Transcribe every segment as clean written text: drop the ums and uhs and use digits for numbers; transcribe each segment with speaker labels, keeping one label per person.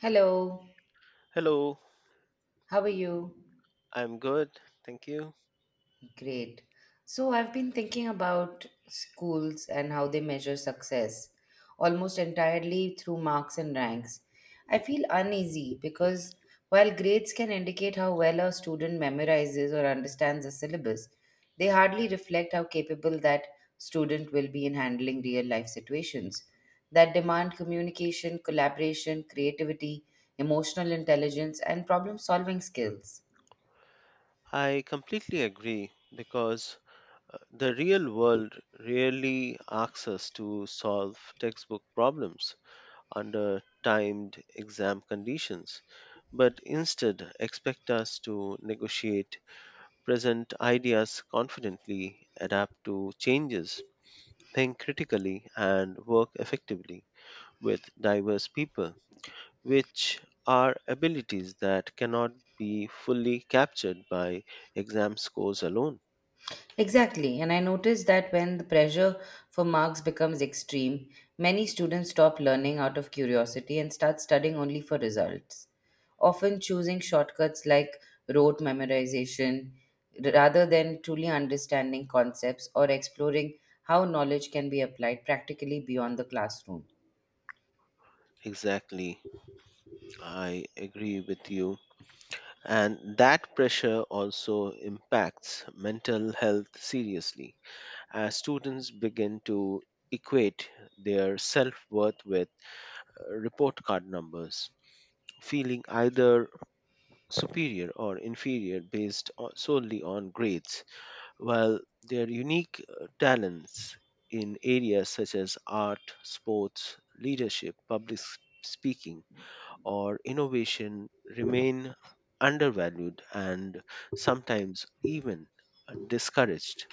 Speaker 1: Hello,
Speaker 2: Hello,
Speaker 1: how are you?
Speaker 2: I'm good. Thank you.
Speaker 1: Great. So, I've been thinking about schools and how they measure success almost entirely through marks and ranks. I feel uneasy because while grades can indicate how well a student memorizes or understands a syllabus, they hardly reflect how capable that student will be in handling real life situations that demand communication, collaboration, creativity, emotional intelligence, and problem solving skills.
Speaker 2: I completely agree because the real world rarely asks us to solve textbook problems under timed exam conditions, but instead expect us to negotiate present ideas confidently, adapt to changes, think critically, and work effectively with diverse people, which are abilities that cannot be fully captured by exam scores alone.
Speaker 1: Exactly, and I noticed that when the pressure for marks becomes extreme, many students stop learning out of curiosity and start studying only for results, often choosing shortcuts like rote memorization rather than truly understanding concepts or exploring how knowledge can be applied practically beyond the classroom.
Speaker 2: Exactly, I agree with you. And that pressure also impacts mental health seriously as students begin to equate their self worth with report card numbers, feeling either superior or inferior solely on grades while their unique talents in areas such as art, sports, leadership, speaking, or innovation remain undervalued and sometimes even discouraged.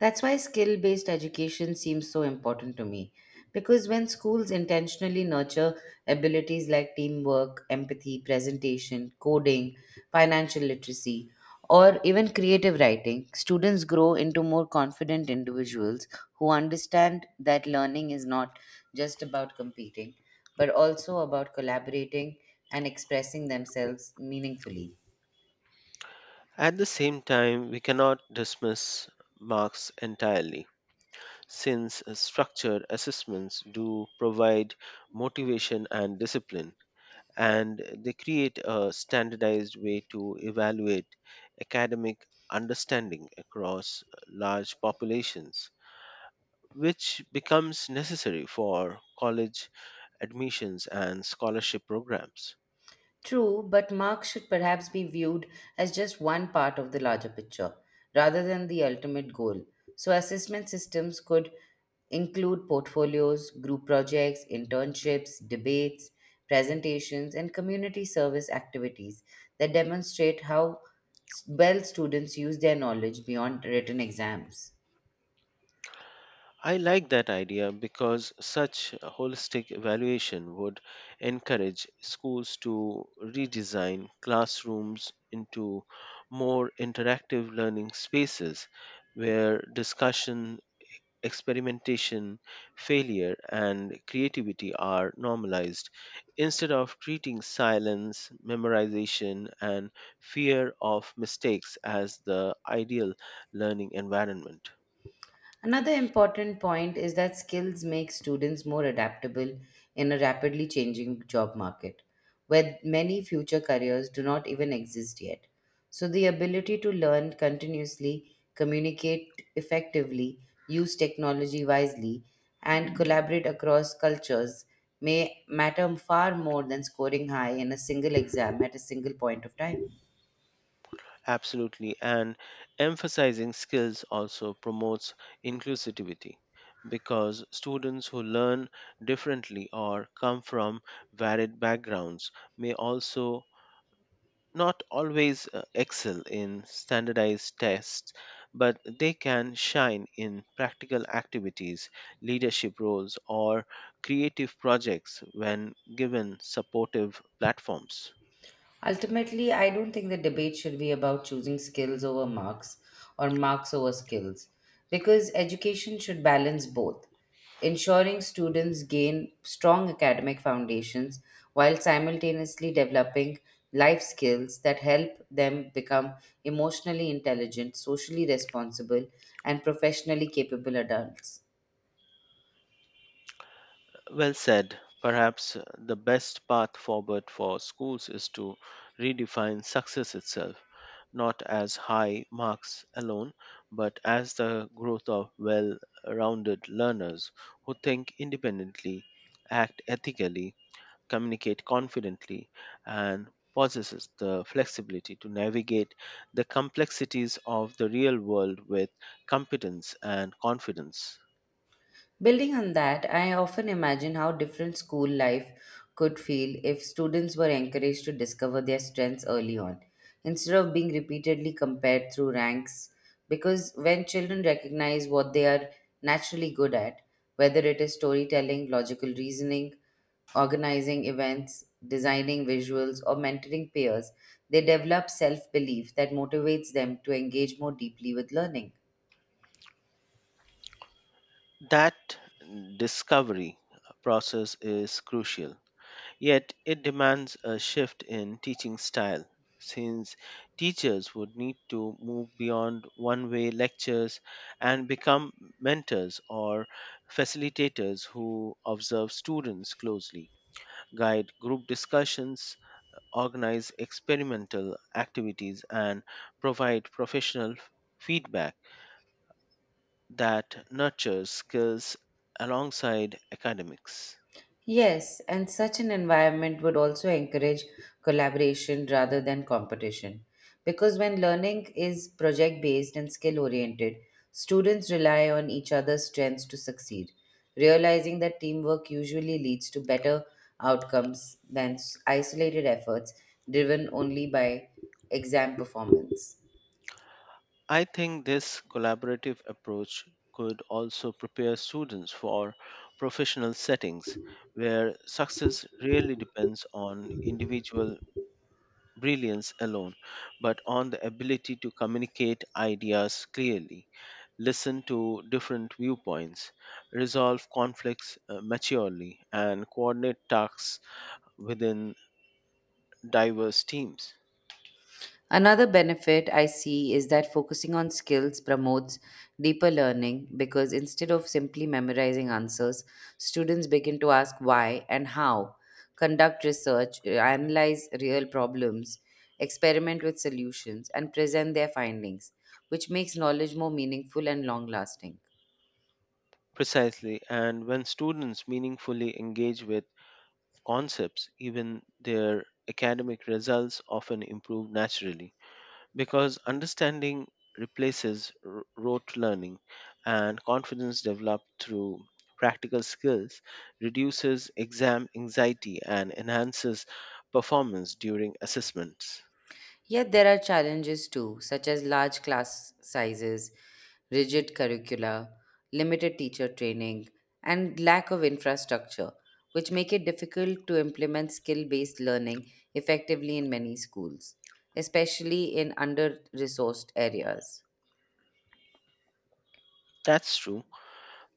Speaker 1: That's why skill based education seems so important to me. Because when schools intentionally nurture abilities like teamwork, empathy, presentation, coding, financial literacy, or even creative writing, students grow into more confident individuals who understand that learning is not just about competing, but also about collaborating and expressing themselves meaningfully.
Speaker 2: At the same time, we cannot dismiss marks entirely, since structured assessments do provide motivation and discipline, and they create a standardized way to evaluate academic understanding across large populations, which becomes necessary for college admissions and scholarship programs.
Speaker 1: True, but marks should perhaps be viewed as just one part of the larger picture, rather than the ultimate goal. So, assessment systems could include portfolios, group projects, internships, debates, presentations, and community service activities that demonstrate how well students use their knowledge beyond written exams.
Speaker 2: I like that idea because such a holistic evaluation would encourage schools to redesign classrooms into more interactive learning spaces where discussion, experimentation, failure, and creativity are normalized instead of treating silence, memorization, and fear of mistakes as the ideal learning environment.
Speaker 1: Another important point is that skills make students more adaptable in a rapidly changing job market, where many future careers do not even exist yet. So, the ability to learn continuously, communicate effectively, use technology wisely, and collaborate across cultures may matter far more than scoring high in a single exam at a single point of time.
Speaker 2: Absolutely. And emphasizing skills also promotes inclusivity because students who learn differently or come from varied backgrounds may also not always excel in standardized tests, but they can shine in practical activities, leadership roles, or creative projects when given supportive platforms.
Speaker 1: Ultimately, I don't think the debate should be about choosing skills over marks or marks over skills because education should balance both, ensuring students gain strong academic foundations while simultaneously developing life skills that help them become emotionally intelligent, socially responsible, and professionally capable adults.
Speaker 2: Well said. Perhaps the best path forward for schools is to redefine success itself, not as high marks alone, but as the growth of well rounded learners who think independently, act ethically, communicate confidently, and possesses the flexibility to navigate the complexities of the real world with competence and confidence.
Speaker 1: Building on that, I often imagine how different school life could feel if students were encouraged to discover their strengths early on, instead of being repeatedly compared through ranks. Because when children recognize what they are naturally good at, whether it is storytelling, logical reasoning, organizing events, designing visuals, or mentoring peers, they develop self belief that motivates them to engage more deeply with learning.
Speaker 2: That discovery process is crucial, yet, it demands a shift in teaching style since teachers would need to move beyond one way lectures and become mentors or facilitators who observe students closely, guide group discussions, organize experimental activities, and provide professional feedback that nurtures skills alongside academics.
Speaker 1: Yes, and such an environment would also encourage collaboration rather than competition. Because when learning is project based and skill oriented, students rely on each other's strengths to succeed, realizing that teamwork usually leads to better outcomes than isolated efforts driven only by exam performance.
Speaker 2: I think this collaborative approach could also prepare students for professional settings where success really depends on individual brilliance alone, but on the ability to communicate ideas clearly, listen to different viewpoints, resolve conflicts maturely, and coordinate tasks within diverse teams.
Speaker 1: Another benefit I see is that focusing on skills promotes deeper learning because instead of simply memorizing answers, students begin to ask why and how, conduct research, analyze real problems, experiment with solutions, and present their findings, which makes knowledge more meaningful and long lasting.
Speaker 2: Precisely, and when students meaningfully engage with concepts, even their academic results often improve naturally because understanding replaces rote learning and confidence developed through practical skills reduces exam anxiety and enhances performance during assessments.
Speaker 1: Yet there are challenges too, such as large class sizes, rigid curricula, limited teacher training, and lack of infrastructure, which make it difficult to implement skill based learning effectively in many schools, especially in under resourced areas.
Speaker 2: That's true.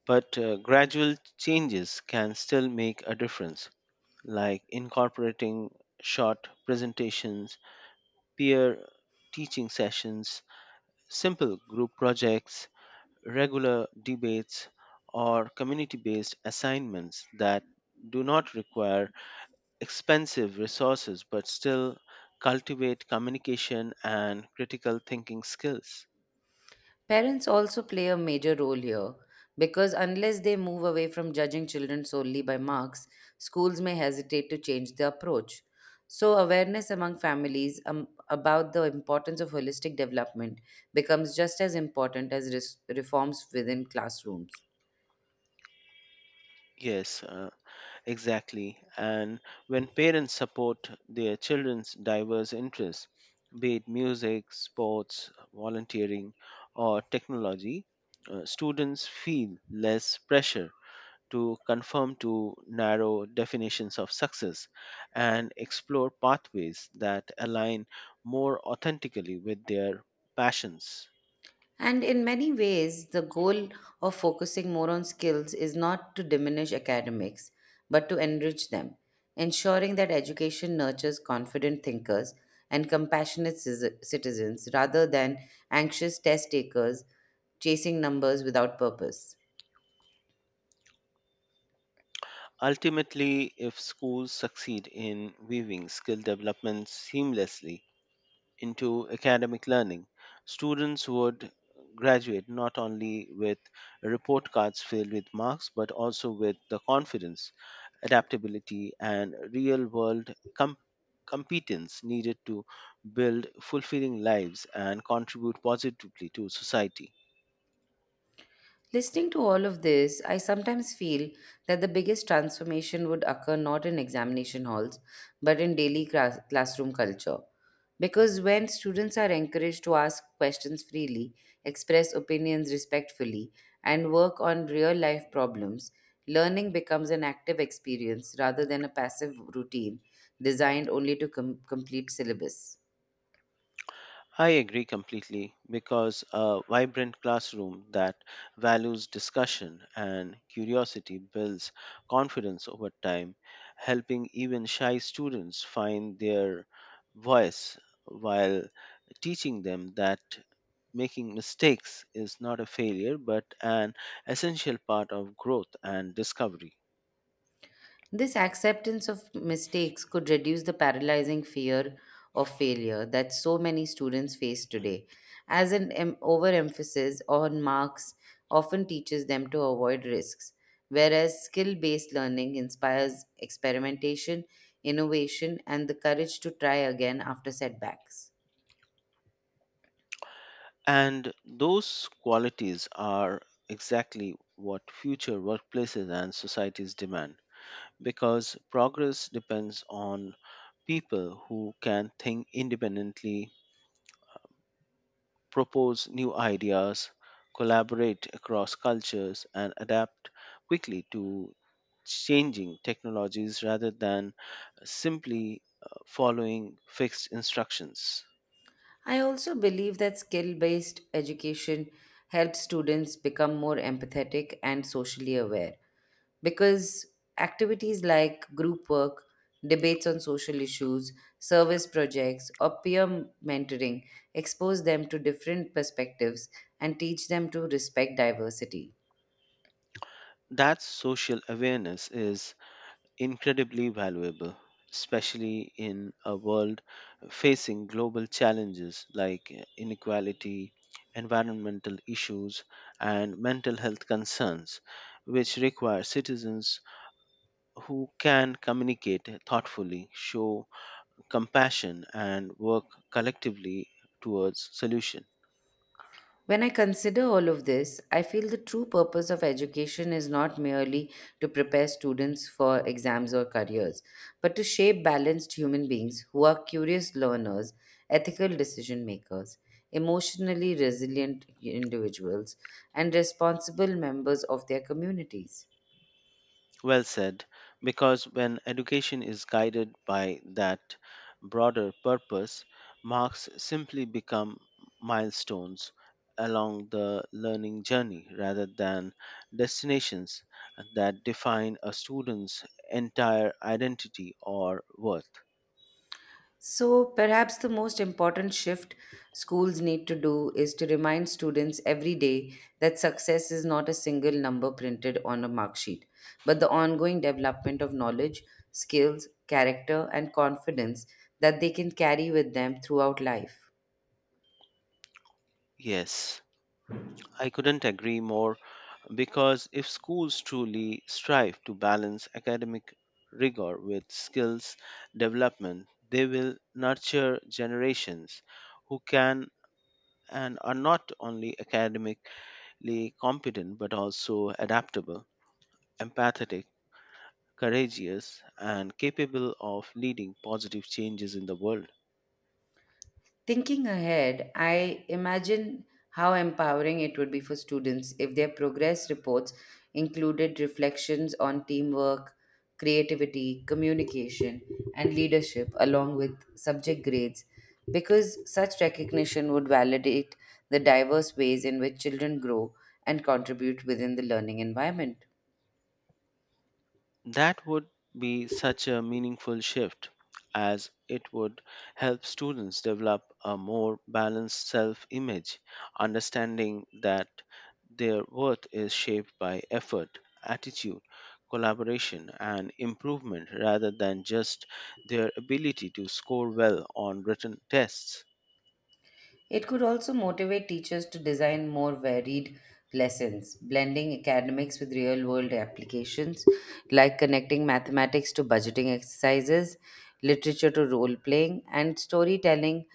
Speaker 2: But gradual changes can still make a difference, like incorporating short presentations, peer teaching sessions, simple group projects, regular debates, or community based assignments that do not require expensive resources but still cultivate communication and critical thinking skills.
Speaker 1: Parents also play a major role here because unless they move away from judging children solely by marks, schools may hesitate to change the approach. So, awareness among families about the importance of holistic development becomes just as important as reforms within classrooms.
Speaker 2: Yes, uh, Exactly. And when parents support their children's diverse interests, be it music, sports, volunteering, or technology, students feel less pressure to conform to narrow definitions of success and explore pathways that align more authentically with their passions.
Speaker 1: And in many ways, the goal of focusing more on skills is not to diminish academics, but to enrich them, ensuring that education nurtures confident thinkers and compassionate citizens rather than anxious test takers chasing numbers without purpose.
Speaker 2: Ultimately, if schools succeed in weaving skill development seamlessly into academic learning, students would graduate not only with report cards filled with marks but also with the confidence adaptability, and competence needed to build fulfilling lives and contribute positively to society.
Speaker 1: Listening to all of this, I sometimes feel that the biggest transformation would occur not in examination halls, but in daily classroom culture. Because when students are encouraged to ask questions freely, express opinions respectfully, and work on real life problems, learning becomes an active experience rather than a passive routine designed only to complete syllabus.
Speaker 2: I agree completely because a vibrant classroom that values discussion and curiosity builds confidence over time, helping even shy students find their voice while teaching them that making mistakes is not a failure but an essential part of growth and discovery.
Speaker 1: This acceptance of mistakes could reduce the paralyzing fear of failure that so many students face today, as an overemphasis on marks often teaches them to avoid risks, whereas skill based learning inspires experimentation, innovation, and the courage to try again after setbacks.
Speaker 2: And those qualities are exactly what future workplaces and societies demand, because progress depends on people who can think independently, propose new ideas, collaborate across cultures, and adapt quickly to changing technologies rather than simply following fixed instructions.
Speaker 1: I also believe that skill based education helps students become more empathetic and socially aware because activities like group work, debates on social issues, service projects, or peer mentoring expose them to different perspectives and teach them to respect diversity.
Speaker 2: That social awareness is incredibly valuable, especially in a world facing global challenges like inequality, environmental issues, and mental health concerns, which require citizens who can communicate thoughtfully, show compassion, and work collectively towards solutions.
Speaker 1: When I consider all of this, I feel the true purpose of education is not merely to prepare students for exams or careers, but to shape balanced human beings who are curious learners, ethical decision makers, emotionally resilient individuals, and responsible members of their communities.
Speaker 2: Well said, because when education is guided by that broader purpose, marks simply become milestones along the learning journey rather than destinations that define a student's entire identity or worth.
Speaker 1: So, perhaps the most important shift schools need to do is to remind students every day that success is not a single number printed on a mark sheet, but the ongoing development of knowledge, skills, character, and confidence that they can carry with them throughout life.
Speaker 2: Yes, I couldn't agree more. Because if schools truly strive to balance academic rigor with skills development, they will nurture generations who can and are not only academically competent but also adaptable, empathetic, courageous, and capable of leading positive changes in the world.
Speaker 1: Thinking ahead, I imagine how empowering it would be for students if their progress reports included reflections on teamwork, creativity, communication, and leadership, along with subject grades, because such recognition would validate the diverse ways in which children grow and contribute within the learning environment.
Speaker 2: That would be such a meaningful shift as it would help students develop a more balanced self image, understanding that their worth is shaped by effort, attitude, collaboration, and improvement rather than just their ability to score well on written tests.
Speaker 1: It could also motivate teachers to design more varied lessons, blending academics with real world applications, like connecting mathematics to budgeting exercises, literature to role playing, and storytelling,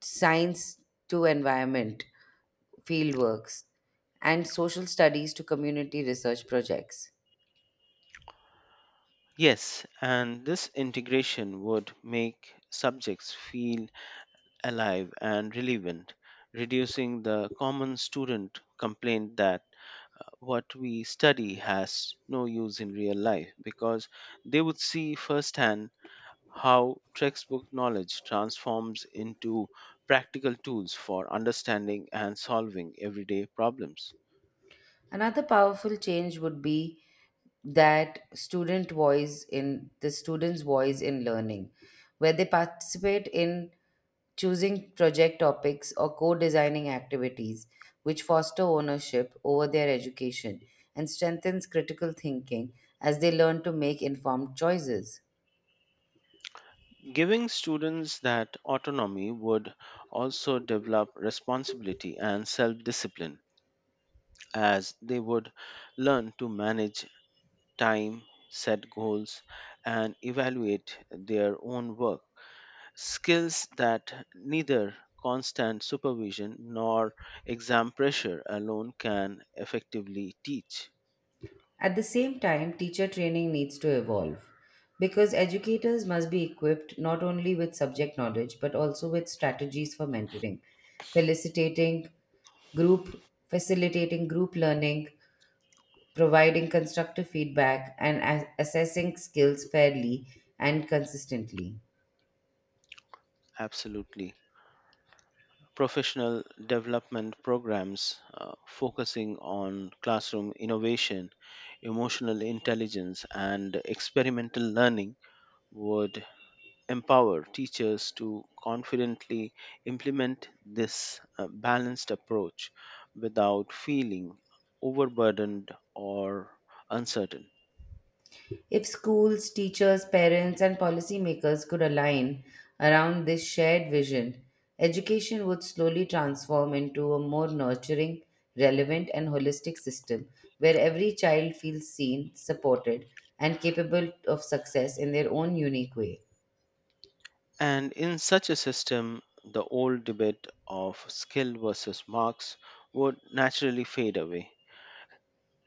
Speaker 1: science to environment fieldworks, and social studies to community research projects.
Speaker 2: Yes, and this integration would make subjects feel alive and relevant, reducing the common student complaint that what we study has no use in real life because they would see firsthand how textbook knowledge transforms into practical tools for understanding and solving everyday problems.
Speaker 1: Another powerful change would be that student's voice in learning, where they participate in choosing project topics or co-designing activities which foster ownership over their education and strengthens critical thinking as they learn to make informed choices.
Speaker 2: Giving students that autonomy would also develop responsibility and self discipline as they would learn to manage time, set goals, and evaluate their own work. Skills that neither constant supervision nor exam pressure alone can effectively teach.
Speaker 1: At the same time, teacher training needs to evolve because educators must be equipped not only with subject knowledge but also with strategies for mentoring, felicitating group facilitating group learning, providing constructive feedback and assessing skills fairly and consistently.
Speaker 2: Absolutely. Professional development programs focusing on classroom innovation, emotional intelligence, and experimental learning would empower teachers to confidently implement this balanced approach without feeling overburdened or uncertain.
Speaker 1: If schools, teachers, parents, and policymakers could align around this shared vision, education would slowly transform into a more nurturing, relevant, and holistic system where every child feels seen, supported, and capable of success in their own unique way.
Speaker 2: And in such a system, the old debate of skill versus marks would naturally fade away,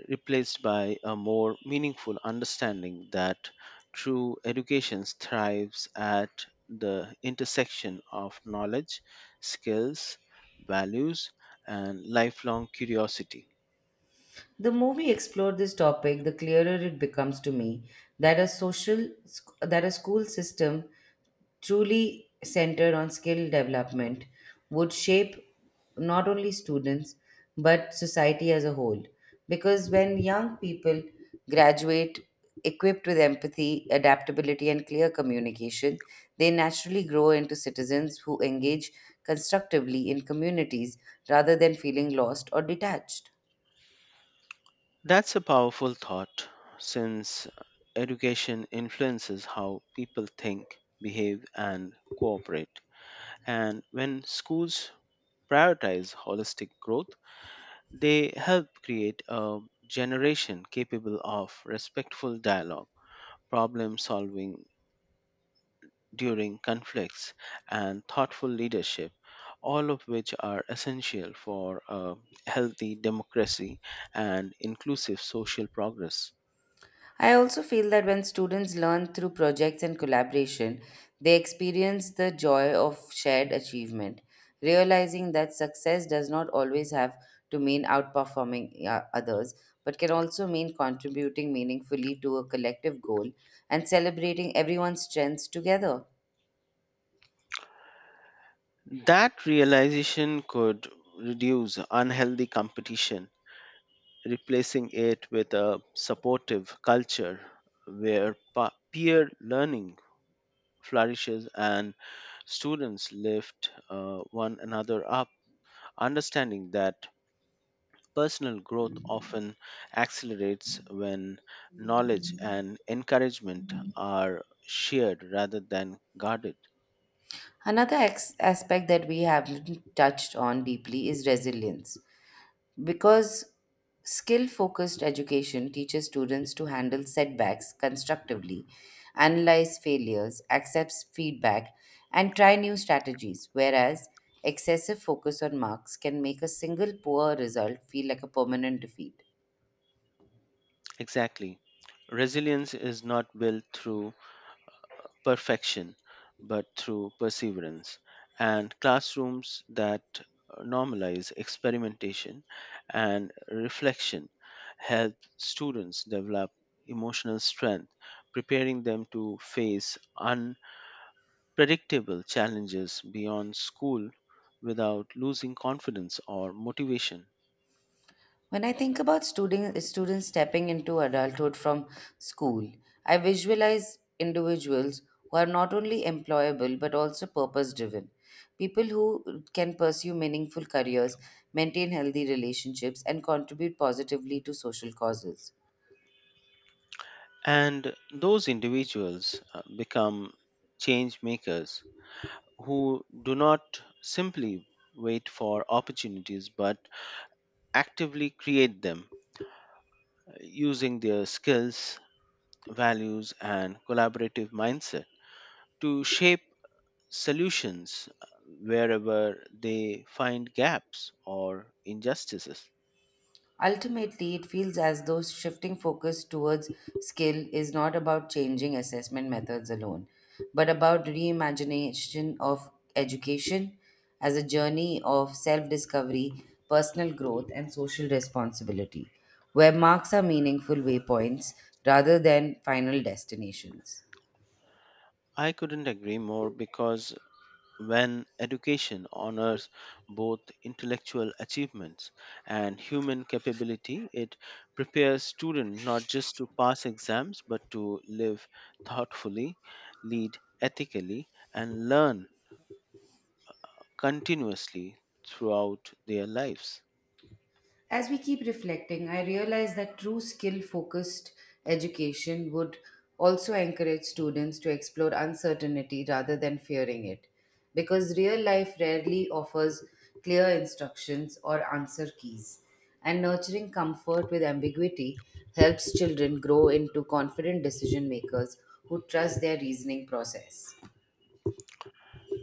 Speaker 2: replaced by a more meaningful understanding that true education thrives at the intersection of knowledge, skills, values, and lifelong curiosity.
Speaker 1: The more we explore this topic, the clearer it becomes to me that a school system truly centered on skill development would shape not only students but society as a whole, because when young people graduate equipped with empathy, adaptability, and clear communication, they naturally grow into citizens who engage constructively in communities rather than feeling lost or detached.
Speaker 2: That's a powerful thought since education influences how people think, behave, and cooperate. And when schools prioritize holistic growth, they help create a generation capable of respectful dialogue, problem solving during conflicts, and thoughtful leadership, all of which are essential for a healthy democracy and inclusive social progress.
Speaker 1: I also feel that when students learn through projects and collaboration, they experience the joy of shared achievement, realizing that success does not always have to mean outperforming others, but can also mean contributing meaningfully to a collective goal and celebrating everyone's strengths together.
Speaker 2: That realization could reduce unhealthy competition, replacing it with a supportive culture where peer learning flourishes and students lift one another up, understanding that personal growth often accelerates when knowledge and encouragement are shared rather than guarded.
Speaker 1: Another aspect that we haven't touched on deeply is resilience. Because skill focused education teaches students to handle setbacks constructively, analyze failures, accept feedback, and try new strategies, whereas excessive focus on marks can make a single poor result feel like a permanent defeat.
Speaker 2: Exactly. Resilience is not built through perfection, but through perseverance, and classrooms that normalize experimentation and reflection help students develop emotional strength, preparing them to face unpredictable challenges beyond school without losing confidence or motivation.
Speaker 1: When I think about students stepping into adulthood from school, I visualize individuals who are not only employable but also purpose driven. People who can pursue meaningful careers, maintain healthy relationships, and contribute positively to social causes.
Speaker 2: And those individuals become change makers who do not simply wait for opportunities but actively create them using their skills, values, and collaborative mindset to shape solutions wherever they find gaps or injustices.
Speaker 1: Ultimately, it feels as though shifting focus towards skill is not about changing assessment methods alone, but about reimagination of education as a journey of self discovery, personal growth, and social responsibility, where marks are meaningful waypoints rather than final destinations.
Speaker 2: I couldn't agree more, because when education honors both intellectual achievements and human capability, it prepares students not just to pass exams but to live thoughtfully, lead ethically, and learn continuously throughout their lives.
Speaker 1: As we keep reflecting, I realize that true skill focused education would also encourage students to explore uncertainty rather than fearing it, because real life rarely offers clear instructions or answer keys. And nurturing comfort with ambiguity helps children grow into confident decision makers who trust their reasoning process.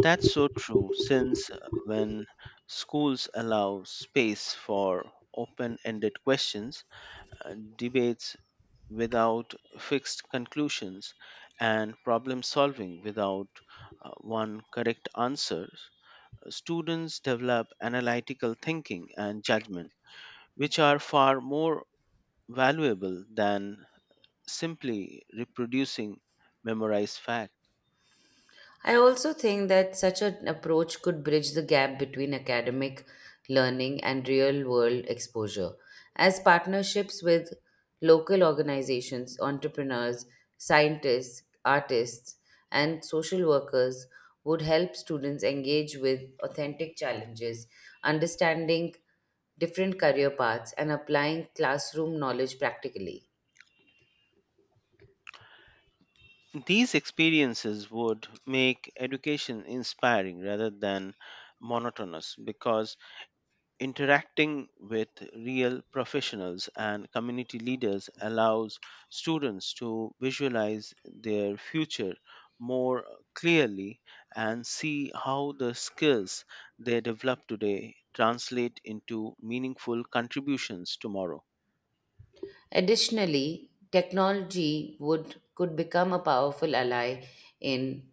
Speaker 2: That's so true since when schools allow space for open ended questions, debates, without fixed conclusions and problem solving without one correct answer, students develop analytical thinking and judgment, which are far more valuable than simply reproducing memorized facts.
Speaker 1: I also think that such an approach could bridge the gap between academic learning and real world exposure, as partnerships with local organizations, entrepreneurs, scientists, artists, and social workers would help students engage with authentic challenges, understanding different career paths, and applying classroom knowledge practically.
Speaker 2: These experiences would make education inspiring rather than monotonous because interacting with real professionals and community leaders allows students to visualize their future more clearly and see how the skills they develop today translate into meaningful contributions tomorrow.
Speaker 1: Additionally, technology would could become a powerful ally in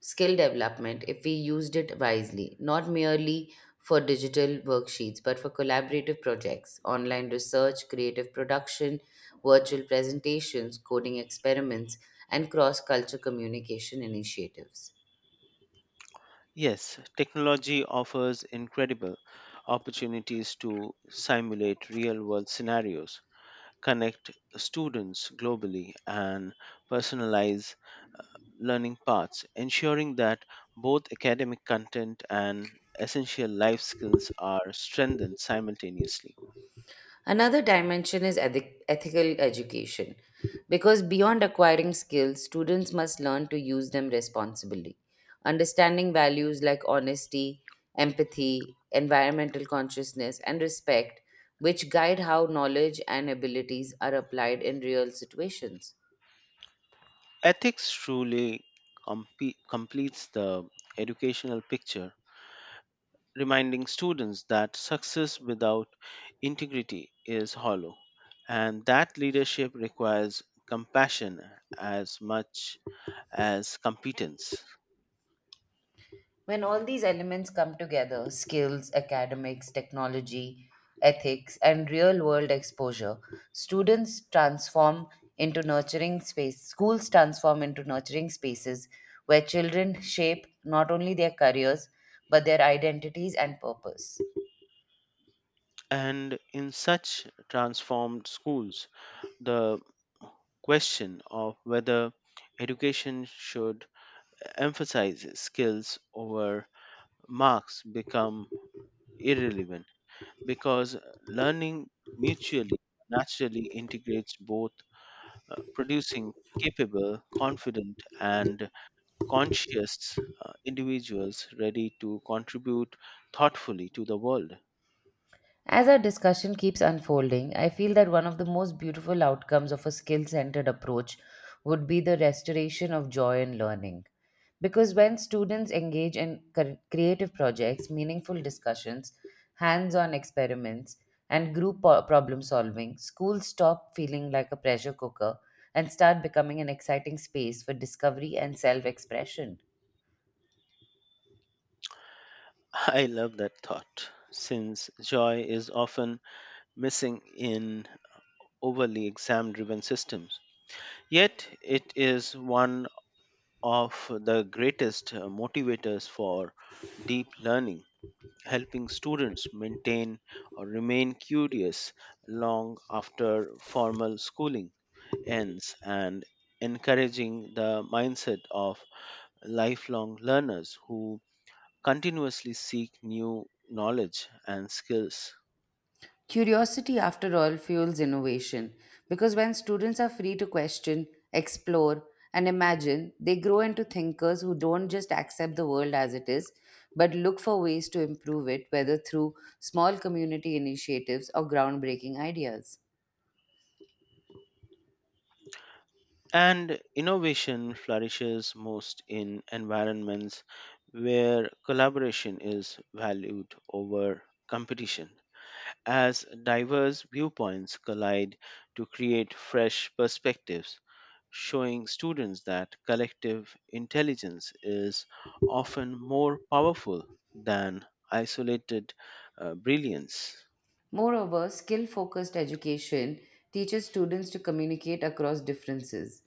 Speaker 1: skill development if we used it wisely, not merely for digital worksheets, but for collaborative projects, online research, creative production, virtual presentations, coding experiments, and cross culture communication initiatives.
Speaker 2: Yes, technology offers incredible opportunities to simulate real world scenarios, connect students globally, and personalize learning paths, ensuring that both academic content and essential life skills are strengthened simultaneously.
Speaker 1: Another dimension is ethical education, because beyond acquiring skills, students must learn to use them responsibly. Understanding values like honesty, empathy, environmental consciousness, and respect, which guide how knowledge and abilities are applied in real situations.
Speaker 2: Ethics truly completes the educational picture, reminding students that success without integrity is hollow, and that leadership requires compassion as much as competence.
Speaker 1: When all these elements come together, skills, academics, technology, ethics, and real world exposure, students transform into nurturing space schools transform into nurturing spaces where children shape not only their careers but their identities and purpose.
Speaker 2: And in such transformed schools, the question of whether education should emphasize skills over marks become irrelevant because learning mutually naturally integrates both, producing capable confident and conscious individuals ready to contribute thoughtfully to the world.
Speaker 1: As our discussion keeps unfolding, I feel that one of the most beautiful outcomes of a skill centered approach would be the restoration of joy in learning. Because when students engage in creative projects, meaningful discussions, hands on experiments, and group problem solving, schools stop feeling like a pressure cooker and start becoming an exciting space for discovery and self expression.
Speaker 2: I love that thought since joy is often missing in overly exam driven systems. Yet, it is one of the greatest motivators for deep learning, helping students maintain or remain curious long after formal schooling ends and encouraging the mindset of lifelong learners who continuously seek new knowledge and skills.
Speaker 1: Curiosity, after all, fuels innovation because when students are free to question, explore, and imagine, they grow into thinkers who don't just accept the world as it is, but look for ways to improve it, whether through small community initiatives or groundbreaking ideas.
Speaker 2: And innovation flourishes most in environments where collaboration is valued over competition, as diverse viewpoints collide to create fresh perspectives, showing students that collective intelligence is often more powerful than isolated brilliance.
Speaker 1: Moreover, skill focused education teaches students to communicate across differences,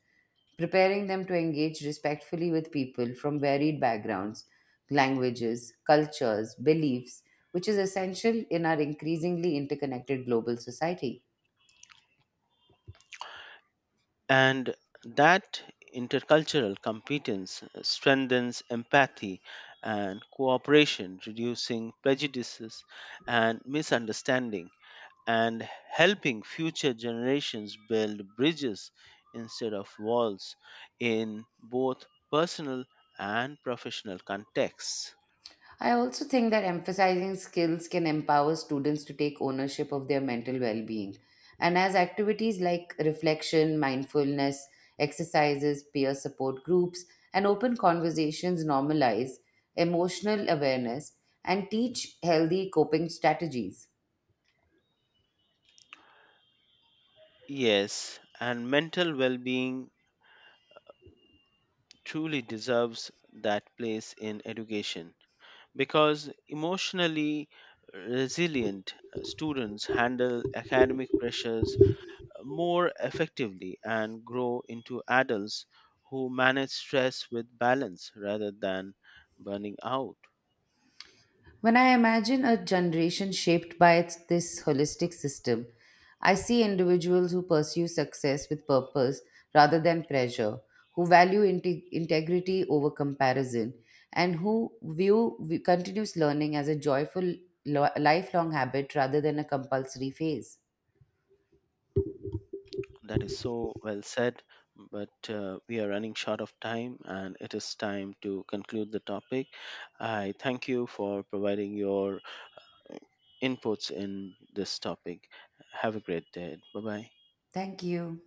Speaker 1: preparing them to engage respectfully with people from varied backgrounds, languages, cultures, beliefs, which is essential in our increasingly interconnected global society.
Speaker 2: And that intercultural competence strengthens empathy and cooperation, reducing prejudices and misunderstanding, and helping future generations build bridges instead of walls in both personal and professional contexts.
Speaker 1: I also think that emphasizing skills can empower students to take ownership of their mental well being. And as activities like reflection, mindfulness, exercises, peer support groups, and open conversations normalize emotional awareness and teach healthy coping strategies.
Speaker 2: Yes, and mental well being truly deserves that place in education because emotionally resilient students handle academic pressures more effectively and grow into adults who manage stress with balance rather than burning out.
Speaker 1: When I imagine a generation shaped by this holistic system, I see individuals who pursue success with purpose rather than pressure, who value integrity over comparison, and who view view continuous learning as a joyful lifelong habit rather than a compulsory phase.
Speaker 2: That is so well said, but we are running short of time and it is time to conclude the topic. I thank you for providing your inputs in this topic. Have a great day. Bye bye.
Speaker 1: Thank you.